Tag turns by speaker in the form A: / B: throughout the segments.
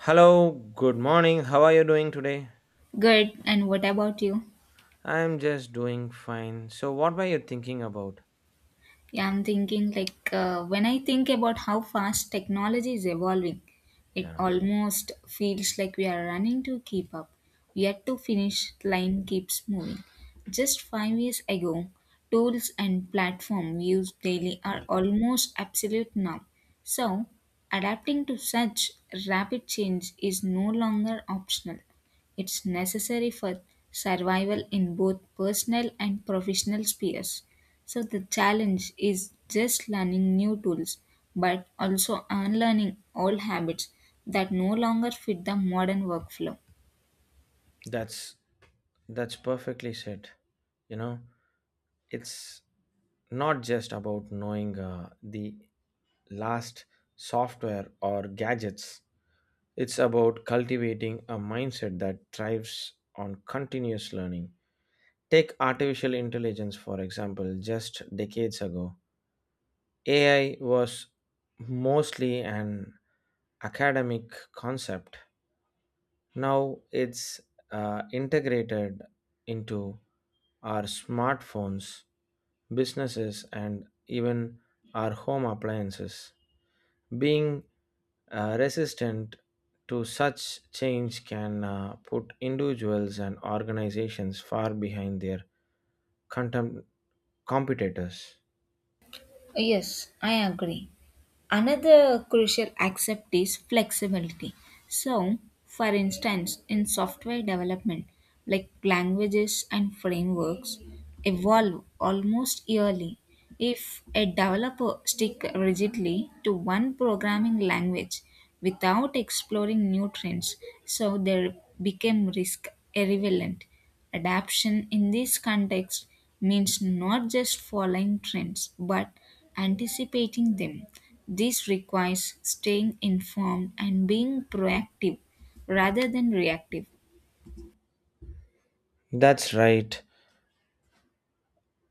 A: Hello, good morning. How are you doing today?
B: Good. And what about you?
A: I'm just doing fine. So what were you thinking about?
B: Yeah, I'm thinking when I think about how fast technology is evolving, it
A: Yeah.
B: almost feels like we are running to keep up, yet to finish line keeps moving. Just 5 years ago, tools and platforms used daily are almost absolute now. So, adapting to such rapid change is no longer optional. It's necessary for survival in both personal and professional spheres. So, the challenge is just learning new tools, but also unlearning old habits that no longer fit the modern workflow.
A: That's that's perfectly said. You know, it's not just about knowing the last software or gadgets. It's about cultivating a mindset that thrives on continuous learning. Take artificial intelligence for example, just decades ago. AI was mostly an academic concept. Now it's integrated into our smartphones, businesses, and even our home appliances. Being resistant to such change can put individuals and organizations far behind their contem- competitors.
B: Yes, I agree. Another crucial aspect is flexibility. So, for instance, in software development, like languages and frameworks evolve almost yearly. If a developer stick rigidly to one programming language without exploring new trends, so they become risk irrelevant. Adaptation in this context means not just following trends but anticipating them. This requires staying informed and being proactive rather than reactive.
A: That's right,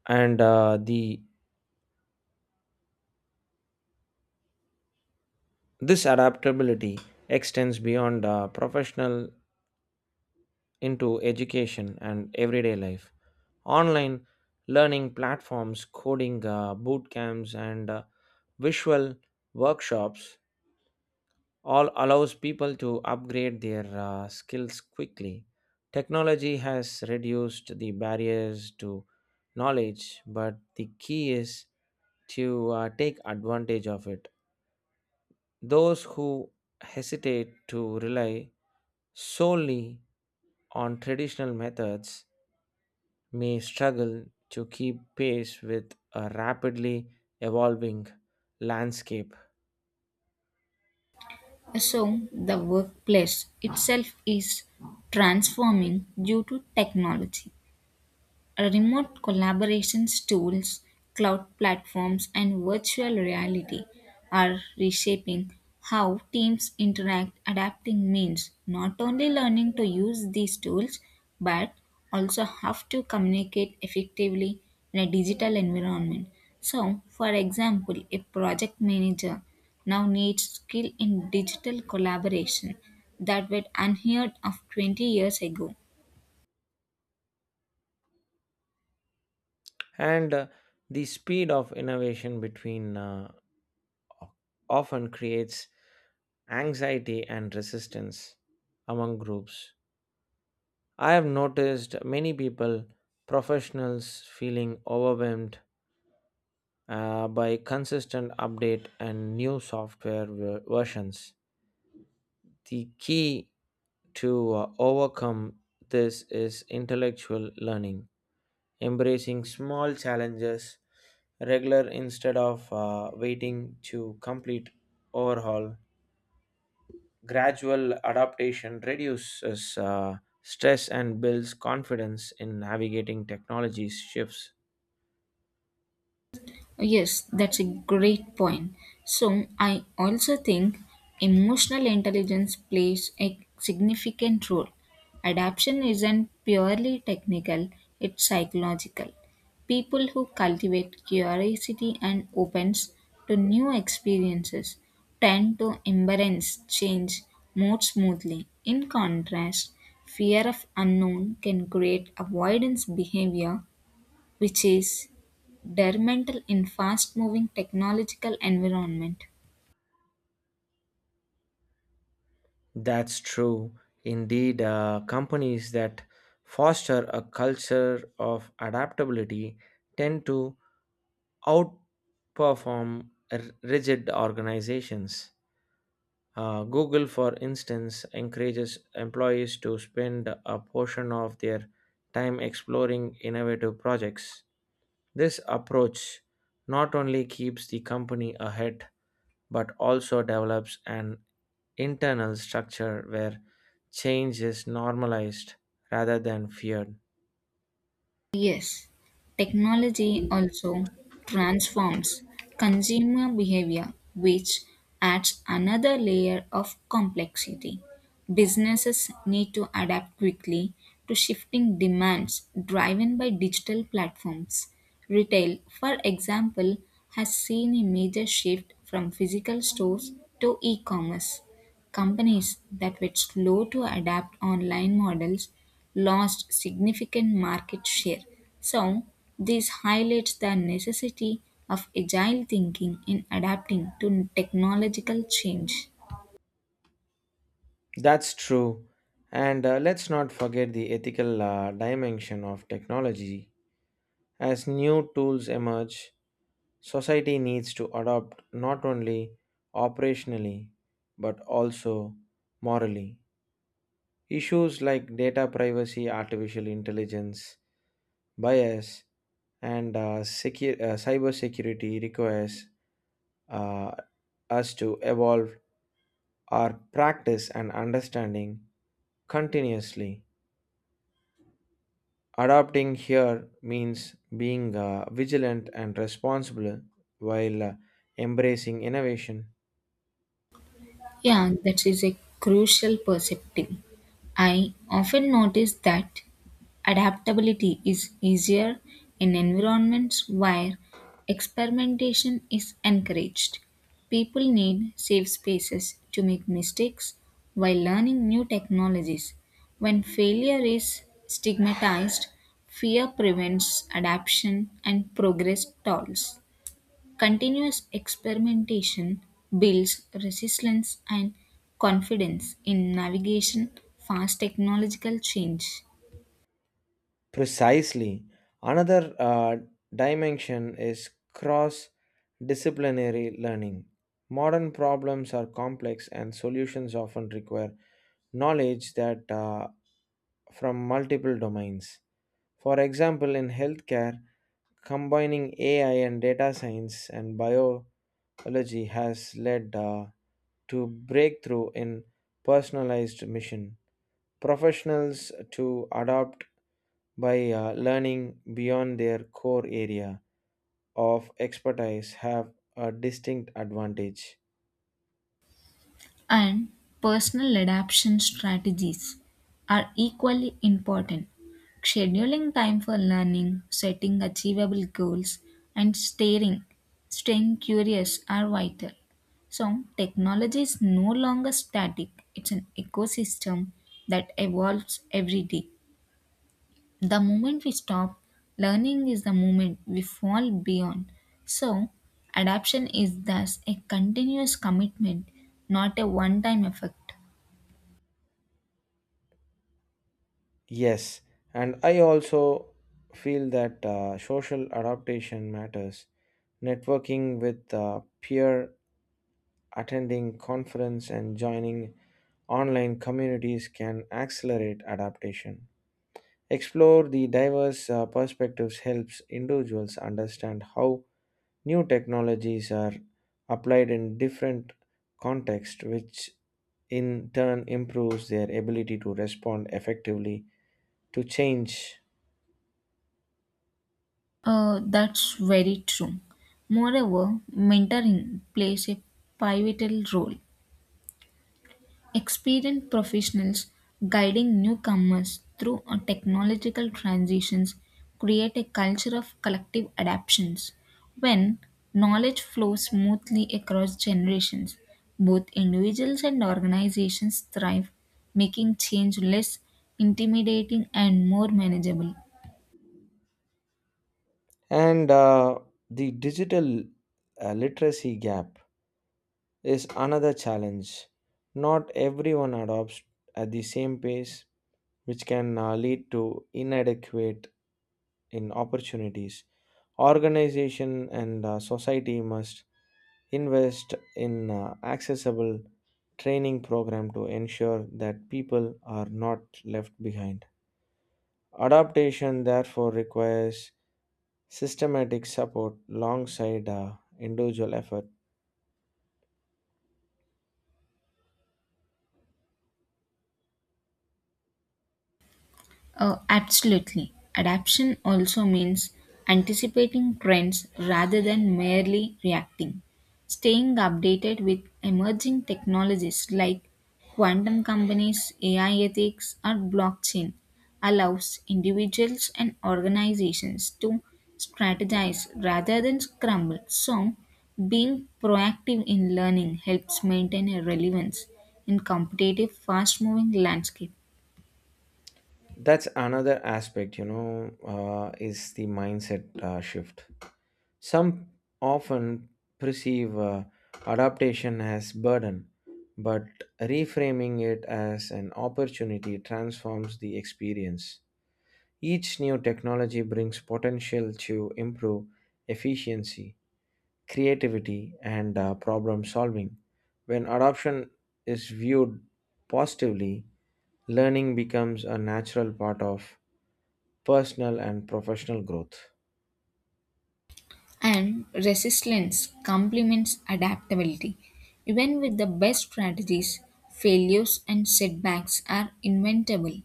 A: and the this adaptability extends beyond professional into education and everyday life. Online learning platforms, coding boot camps, and visual workshops all allows people to upgrade their skills quickly. Technology has reduced the barriers to knowledge, but the key is to take advantage of it. Those who hesitate to rely solely on traditional methods may struggle to keep pace with a rapidly evolving landscape.
B: So, the workplace itself is transforming due to technology. Remote collaborations tools, cloud platforms, and virtual reality are reshaping how teams interact. Adapting means not only learning to use these tools, but also have to communicate effectively in a digital environment. So, for example, a project manager now needs skill in digital collaboration that were unheard of 20 years ago.
A: And the speed of innovation between often creates anxiety and resistance among groups. I have noticed many people, professionals, feeling overwhelmed by consistent update and new software versions. The key to overcome this is intellectual learning, embracing small challenges regular instead of waiting to complete overhaul. Gradual adaptation reduces stress and builds confidence in navigating technology's shifts.
B: Yes, that's a great point. So, I also think emotional intelligence plays a significant role. Adaptation isn't purely technical, it's psychological. People who cultivate curiosity and opens to new experiences tend to embrace change more smoothly. In contrast, fear of unknown can create avoidance behavior which is detrimental in fast moving technological environment.
A: That's true. Indeed, companies that foster a culture of adaptability tend to outperform rigid organizations. Google, for instance, encourages employees to spend a portion of their time exploring innovative projects. This approach not only keeps the company ahead but also develops an internal structure where change is normalized rather than feared.
B: Yes, technology also transforms consumer behavior, which adds another layer of complexity. Businesses need to adapt quickly to shifting demands driven by digital platforms. Retail, for example, has seen a major shift from physical stores to e commerce. Companies that were slow to adapt online models lost significant market share. So, this highlights the necessity of agile thinking in adapting to technological change.
A: That's true. And let's not forget the ethical dimension of technology. As new tools emerge, society needs to adopt not only operationally but also morally. Issues like data privacy, artificial intelligence, bias, and cybersecurity requires uh, us to evolve our practice and understanding continuously. Adopting here means being vigilant and responsible while embracing innovation.
B: Yeah, that is a crucial perspective. I often notice that adaptability is easier in environments where experimentation is encouraged. People need safe spaces to make mistakes while learning new technologies. When failure is stigmatized, fear prevents adaptation and progress stalls. Continuous experimentation builds resilience and confidence in navigation fast technological change.
A: Precisely. Another dimension is cross disciplinary learning. Modern problems are complex and solutions often require knowledge that from multiple domains. For example, in healthcare, combining AI and data science and biology has led to breakthrough in personalized mission. Professionals to adopt by learning beyond their core area of expertise have a distinct advantage.
B: And personal adaptation strategies are equally important. Scheduling time for learning, setting achievable goals, and staying curious are vital. So, technology is no longer static, it's an ecosystem that evolves every day. The moment we stop, learning is the moment we fall beyond. So, adaptation is thus a continuous commitment, not a one time effect.
A: Yes, and I also feel that social adaptation matters. Networking with peer, attending conference, and joining online communities can accelerate adaptation. Explore the diverse perspectives helps individuals understand how new technologies are applied in different contexts, which in turn improves their ability to respond effectively to change.
B: That's very true. Moreover, mentoring plays a pivotal role. Experienced professionals guiding newcomers through technological transitions create a culture of collective adaptations. When knowledge flows smoothly across generations, both individuals and organizations thrive, making change less intimidating and more manageable.
A: And the digital literacy gap is another challenge. Not everyone adopts at the same pace, which can lead to inadequate in opportunities. Organization and society must invest in accessible training program to ensure that people are not left behind. Adaptation therefore requires systematic support alongside individual effort.
B: Absolutely. Adaptation also means anticipating trends rather than merely reacting. Staying updated with emerging technologies like quantum companies, AI ethics, or blockchain allows individuals and organizations to strategize rather than scramble. So, being proactive in learning helps maintain a relevance in competitive, fast moving landscape.
A: That's another aspect, you know, is the mindset shift. Some often perceive adaptation as burden, but reframing it as an opportunity transforms the experience. Each new technology brings potential to improve efficiency, creativity, and problem solving. When adoption is viewed positively, learning becomes a natural part of personal and professional growth.
B: And resilience complements adaptability. Even with the best strategies, failures and setbacks are inventable.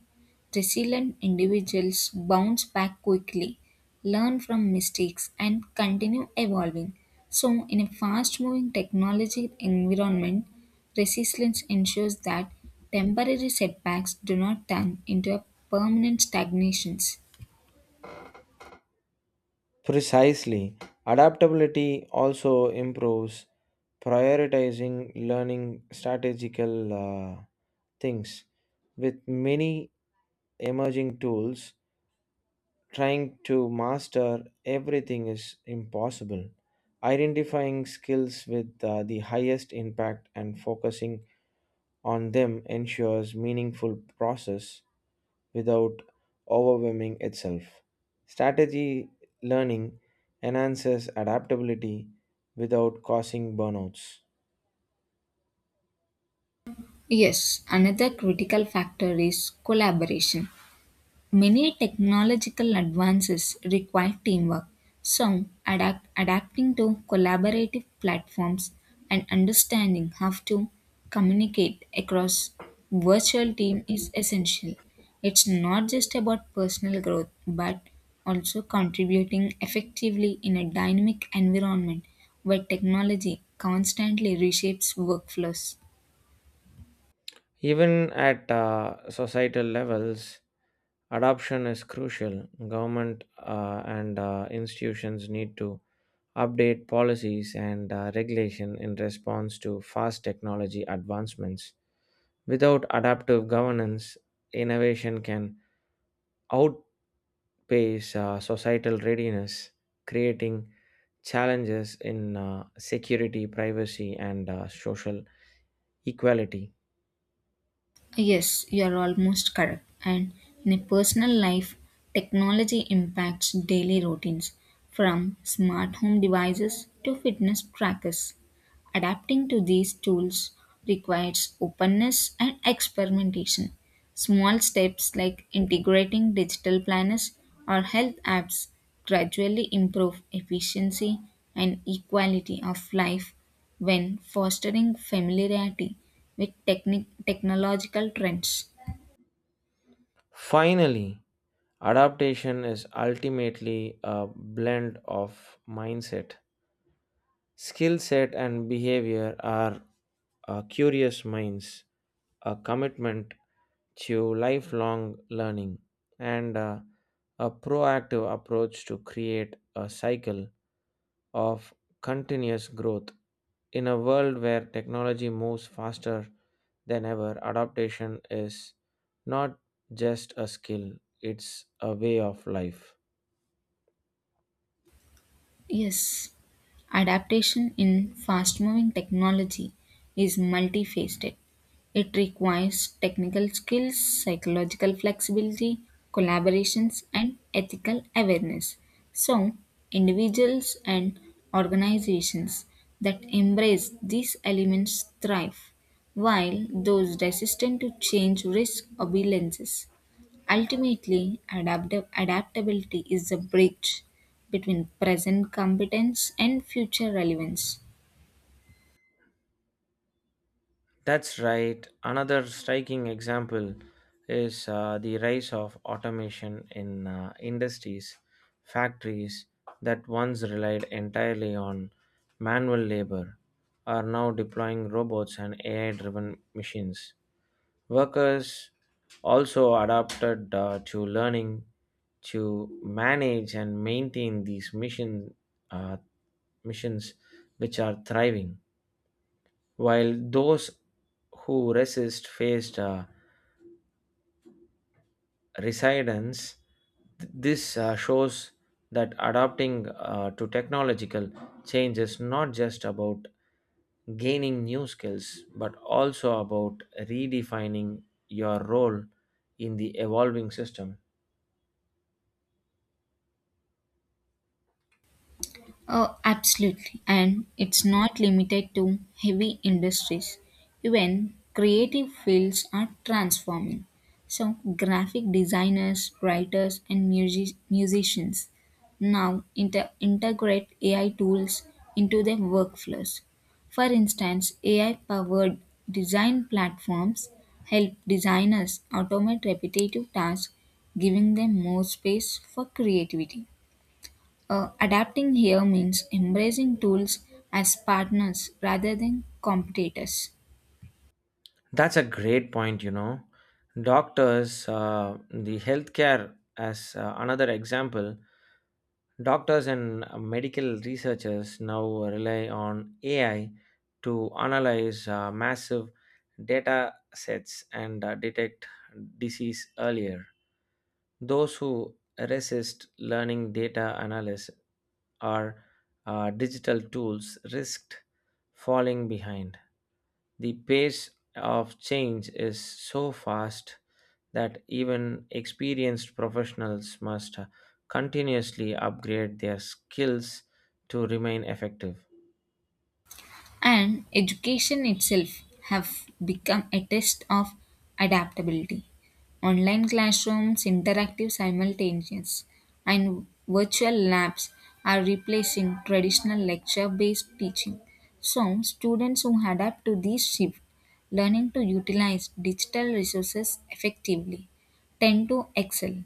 B: Resilient individuals bounce back quickly, learn from mistakes, and continue evolving. So, in a fast moving technology environment, resilience ensures that temporary setbacks do not turn into a permanent stagnations.
A: Precisely, adaptability also improves prioritizing learning strategical uh, things with many emerging tools trying to master everything is impossible. Identifying skills with the highest impact and focusing on them ensures meaningful process without overwhelming itself. Strategy learning enhances adaptability without causing burnouts.
B: Yes, another critical factor is collaboration. Many technological advances require teamwork, so adapting to collaborative platforms and understanding how to communicate across virtual team is essential. It's not just about personal growth, but also contributing effectively in a dynamic environment where technology constantly reshapes workflows.
A: Even at societal levels, adoption is crucial. Government and institutions need to update policies and regulation in response to fast technology advancements. Without adaptive governance, innovation can outpace societal readiness, creating challenges in security, privacy, and social equality.
B: Yes, you are almost correct. And in a personal life, technology impacts daily routines from smart home devices to fitness trackers. Adapting to these tools requires openness and experimentation. Small steps like integrating digital planners or health apps gradually improve efficiency and equality of life when fostering familiarity with technological trends.
A: Finally, adaptation is ultimately a blend of mindset. Skill set and behavior are curious minds, a commitment to lifelong learning, and a proactive approach to create a cycle of continuous growth. In a world where technology moves faster than ever, adaptation is not just a skill, it's a way of life.
B: Yes, adaptation in fast moving technology is multifaceted. It requires technical skills, psychological flexibility, collaborations, and ethical awareness. So, individuals and organizations that embrace these elements thrive, while those resistant to change risk obeisance. Ultimately, adaptive adaptability is a bridge between present competence and future relevance.
A: That's right. Another striking example is the rise of automation in industries, factories that once relied entirely on manual labor are now deploying robots and AI driven machines. Workers also adapted to learning to manage and maintain these uh, missions which are thriving while those who resist faced resistance. This shows that adapting to technological change is not just about gaining new skills, but also about redefining your role in the evolving system.
B: Oh, absolutely. And it's not limited to heavy industries. Even creative fields are transforming. So, graphic designers, writers, and musicians now integrate AI tools into their workflows. For instance, AI powered design platforms help designers automate repetitive tasks, giving them more space for creativity. Adapting here means embracing tools as partners rather than competitors.
A: That's a great point, you know. Doctors, the healthcare, as another example, doctors and medical researchers now rely on AI to analyze massive data sets and detect disease earlier. Those who resist learning data analysis or digital tools risked falling behind. The pace of change is so fast that even experienced professionals must continuously upgrade their skills to remain effective.
B: And education itself have become a test of adaptability. Online classrooms, interactive simultaneous, and virtual labs are replacing traditional lecture based teaching. So, students who adapt to these shifts, learning to utilize digital resources effectively, tend to excel.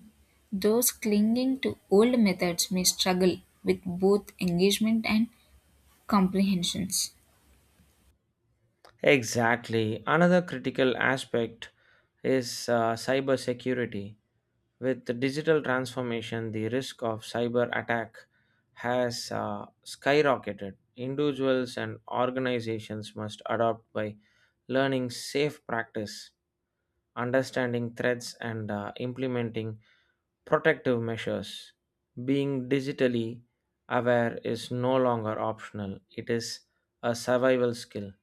B: Those clinging to old methods may struggle with both engagement and comprehensions.
A: Exactly. Another critical aspect is cybersecurity. With the digital transformation, the risk of cyber attack has skyrocketed. Individuals and organizations must adopt by learning safe practice, understanding threats, and implementing protective measures. Being digitally aware is no longer optional, it is a survival skill.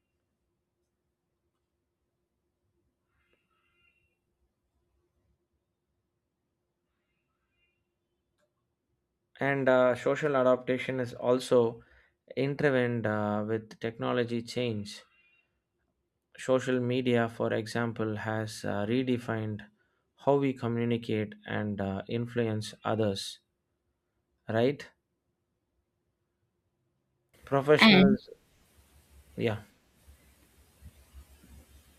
A: And social adaptation is also intervened with technology change. Social media, for example, has redefined how we communicate and influence others, right?
B: And
A: Professionals, yeah.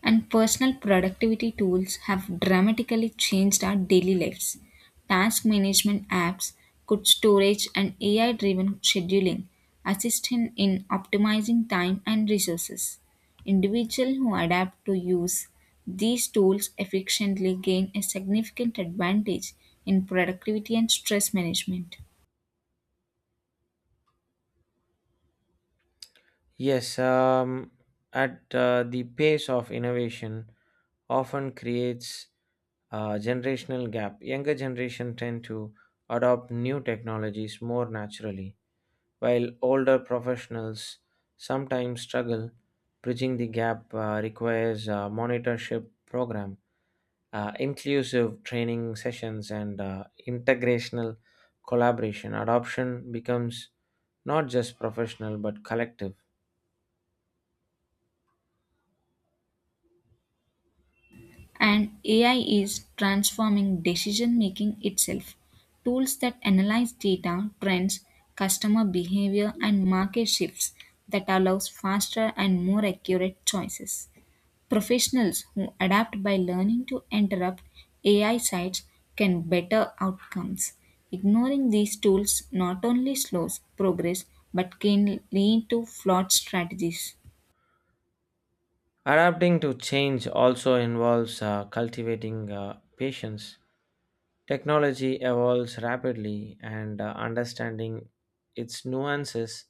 B: and personal productivity tools have dramatically changed our daily lives. Task management apps, good storage, and AI driven scheduling assist in optimizing time and resources. Individuals who adapt to use these tools efficiently gain a significant advantage in productivity and stress management.
A: Yes, at the pace of innovation often creates generational gap. Younger generation tend to adopt new technologies more naturally, while older professionals sometimes struggle. Bridging the gap requires a monitorship program, inclusive training sessions, and integrational collaboration. Adoption becomes not just professional but collective.
B: And AI is transforming decision making itself. Tools that analyze data, trends, customer behavior, and market shifts that allows faster and more accurate choices. Professionals who adapt by learning to interrupt AI sites can better outcomes. Ignoring these tools not only slows progress but can lead to flawed strategies.
A: Adapting to change also involves cultivating patience. Technology evolves rapidly, and understanding its nuances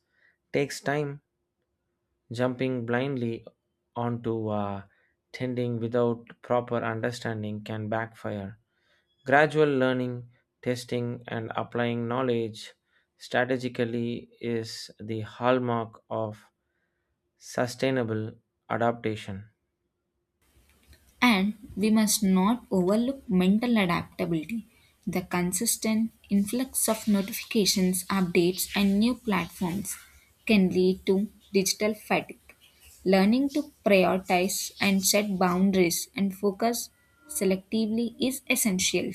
A: takes time. Jumping blindly onto tending without proper understanding can backfire. Gradual learning, testing, and applying knowledge strategically is the hallmark of sustainable adaptation.
B: And we must not overlook mental adaptability. The consistent influx of notifications, updates, and new platforms can lead to digital fatigue. Learning to prioritize and set boundaries and focus selectively is essential.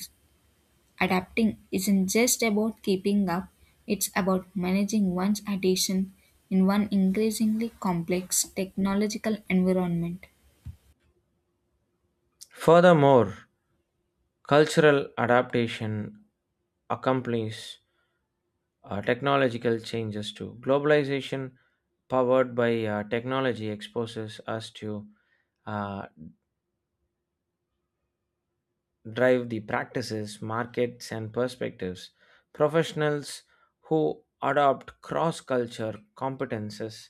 B: Adapting isn't just about keeping up, it's about managing one's attention in one increasingly complex technological environment.
A: Furthermore, cultural adaptation accompanies technological changes too. Globalization, powered by technology, exposes us to uh, drive the practices, markets, and perspectives. Professionals who adopt cross culture competences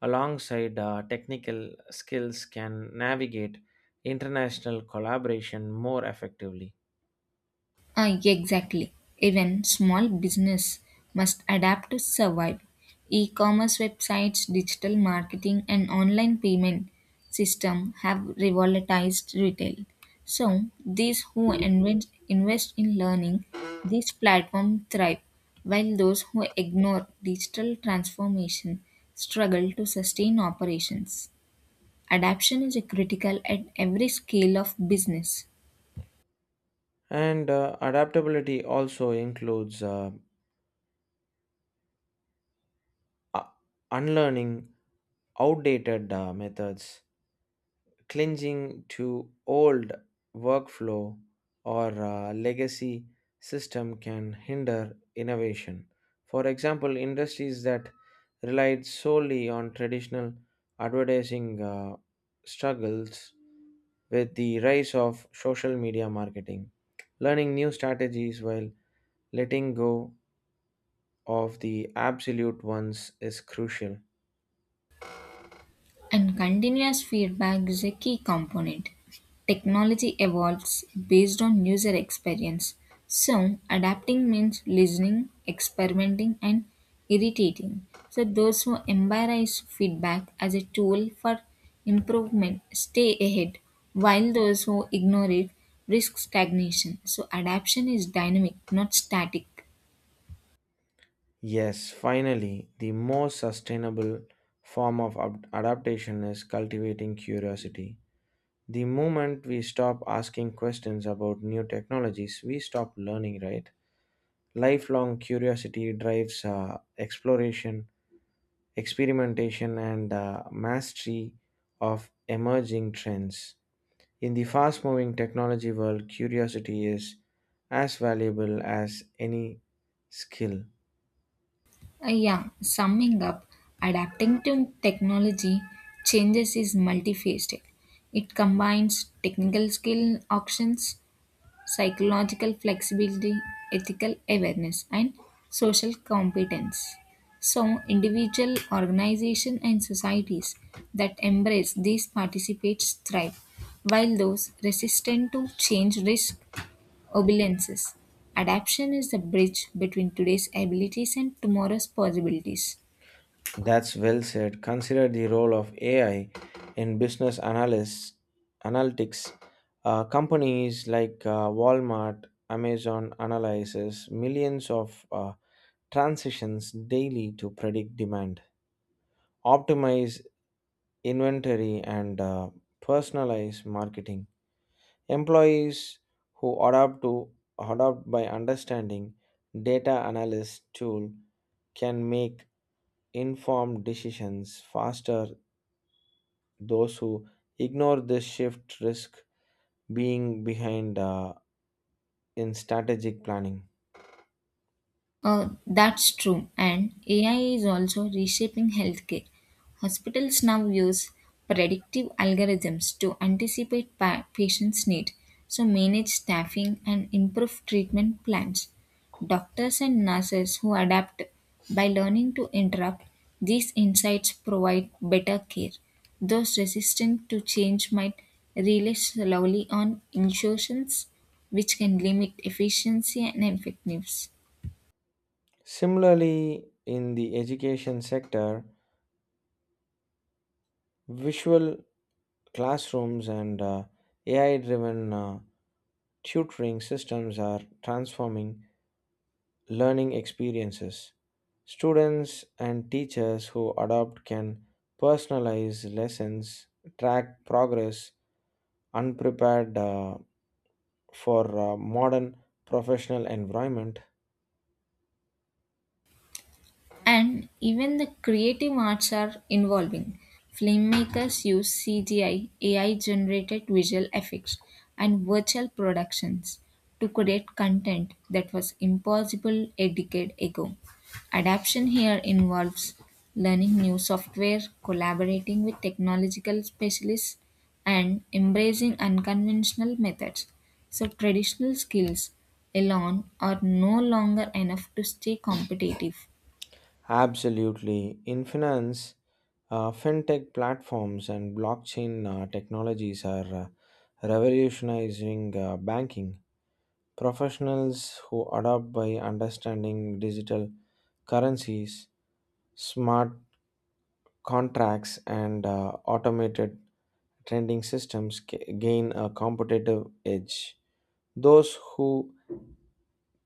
A: alongside technical skills can navigate international collaboration more effectively.
B: Exactly. Even small business must adapt to survive. E-commerce websites, digital marketing, and online payment system have revolutionized retail. So invest in learning these platforms thrive, while those who ignore digital transformation struggle to sustain operations. Adaptation is critical at every scale of business.
A: And adaptability also includes u- unlearning outdated methods clinging to old workflow or legacy system can hinder innovation. For example, industries that relied solely on traditional advertising struggles with the rise of social media marketing. Learning new strategies while letting go of the absolute ones is crucial.
B: And continuous feedback is a key component. Technology evolves based on user experience. So, adapting means listening, experimenting, and irritating. So, those who embrace feedback as a tool for improvement stay ahead, while those who ignore it risk stagnation. So, adaptation is dynamic, not static.
A: Yes, finally, the most sustainable form of adaptation is cultivating curiosity. The moment we stop asking questions about new technologies, we stop learning, right? Lifelong curiosity drives exploration, experimentation, and mastery of emerging trends. In the fast moving technology world, curiosity is as valuable as any skill.
B: Yeah, summing up, adapting to technology changes is multifaceted. It combines technical skill options, psychological flexibility, ethical awareness, and social competence. So, individual, organization, and societies that embrace these participate thrive, while those resistant to change risk opulences. Adaptation is the bridge between today's abilities and tomorrow's possibilities.
A: That's well said. Consider the role of AI in business analytics. Companies like Walmart, Amazon analyzes millions of transactions daily to predict demand, optimize inventory, and personalize marketing. Employees who adapt to adopt by understanding data analyst tool can make informed decisions faster. Those who ignore this shift risk being behind in strategic planning.
B: That's true, and AI is also reshaping healthcare. Hospitals now use predictive algorithms to anticipate patients' needs, so manage staffing and improve treatment plans. Doctors and nurses who adapt by learning to interrupt these insights provide better care. Those resistant to change might rely slowly on insurance, which can limit efficiency and effectiveness.
A: Similarly, in the education sector, visual classrooms and AI driven tutoring systems are transforming learning experiences. Students and teachers who adopt can personalize lessons, track progress, unprepared for modern professional environment.
B: And even the creative arts are involving. Filmmakers use CGI, AI generated visual effects, and virtual productions to create content that was impossible a decade ago. Adaptation here involves learning new software, collaborating with technological specialists, and embracing unconventional methods. So, traditional skills alone are no longer enough to stay competitive.
A: Absolutely. In finance, fintech platforms and blockchain technologies are revolutionizing banking. Professionals who adopt by understanding digital currencies, smart contracts, and automated trading systems gain a competitive edge. Those who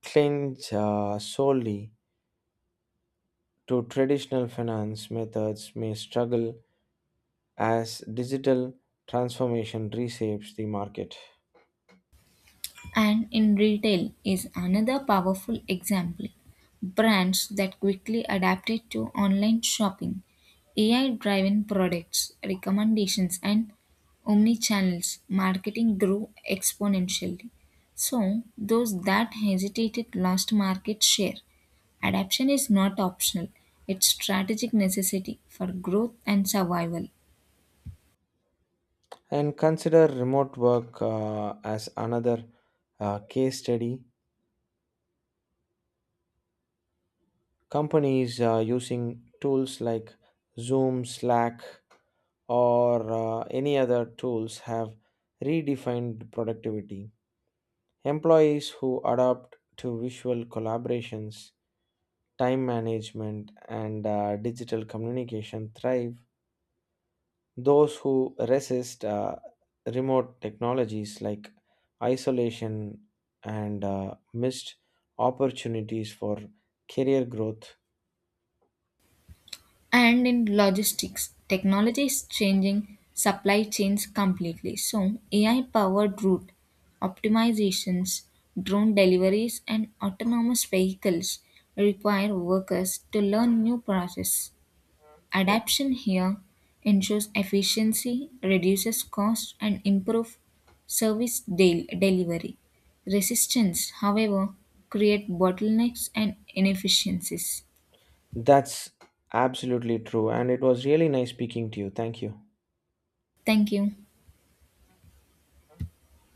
A: cling solely to traditional finance methods may struggle as digital transformation reshapes the market.
B: And in retail is another powerful example. Brands that quickly adapted to online shopping, AI driven products, recommendations, and omnichannels marketing grew exponentially. So, those that hesitated lost market share. Adaptation is not optional, it's strategic necessity for growth and survival.
A: And consider remote work as another case study. Companies using tools like Zoom, Slack, or any other tools have redefined productivity. Employees who adapt to visual collaborations, time management, and digital communication thrive. Those who resist remote technologies like isolation and missed opportunities for career growth.
B: And in logistics, technology is changing supply chains completely. So, AI powered route optimizations, drone deliveries, and autonomous vehicles require workers to learn new processes. Adaption here ensures efficiency, reduces cost, and improves delivery. Resistance, however, create bottlenecks and inefficiencies.
A: That's absolutely true. And it was really nice speaking to you. Thank you.
B: Thank you.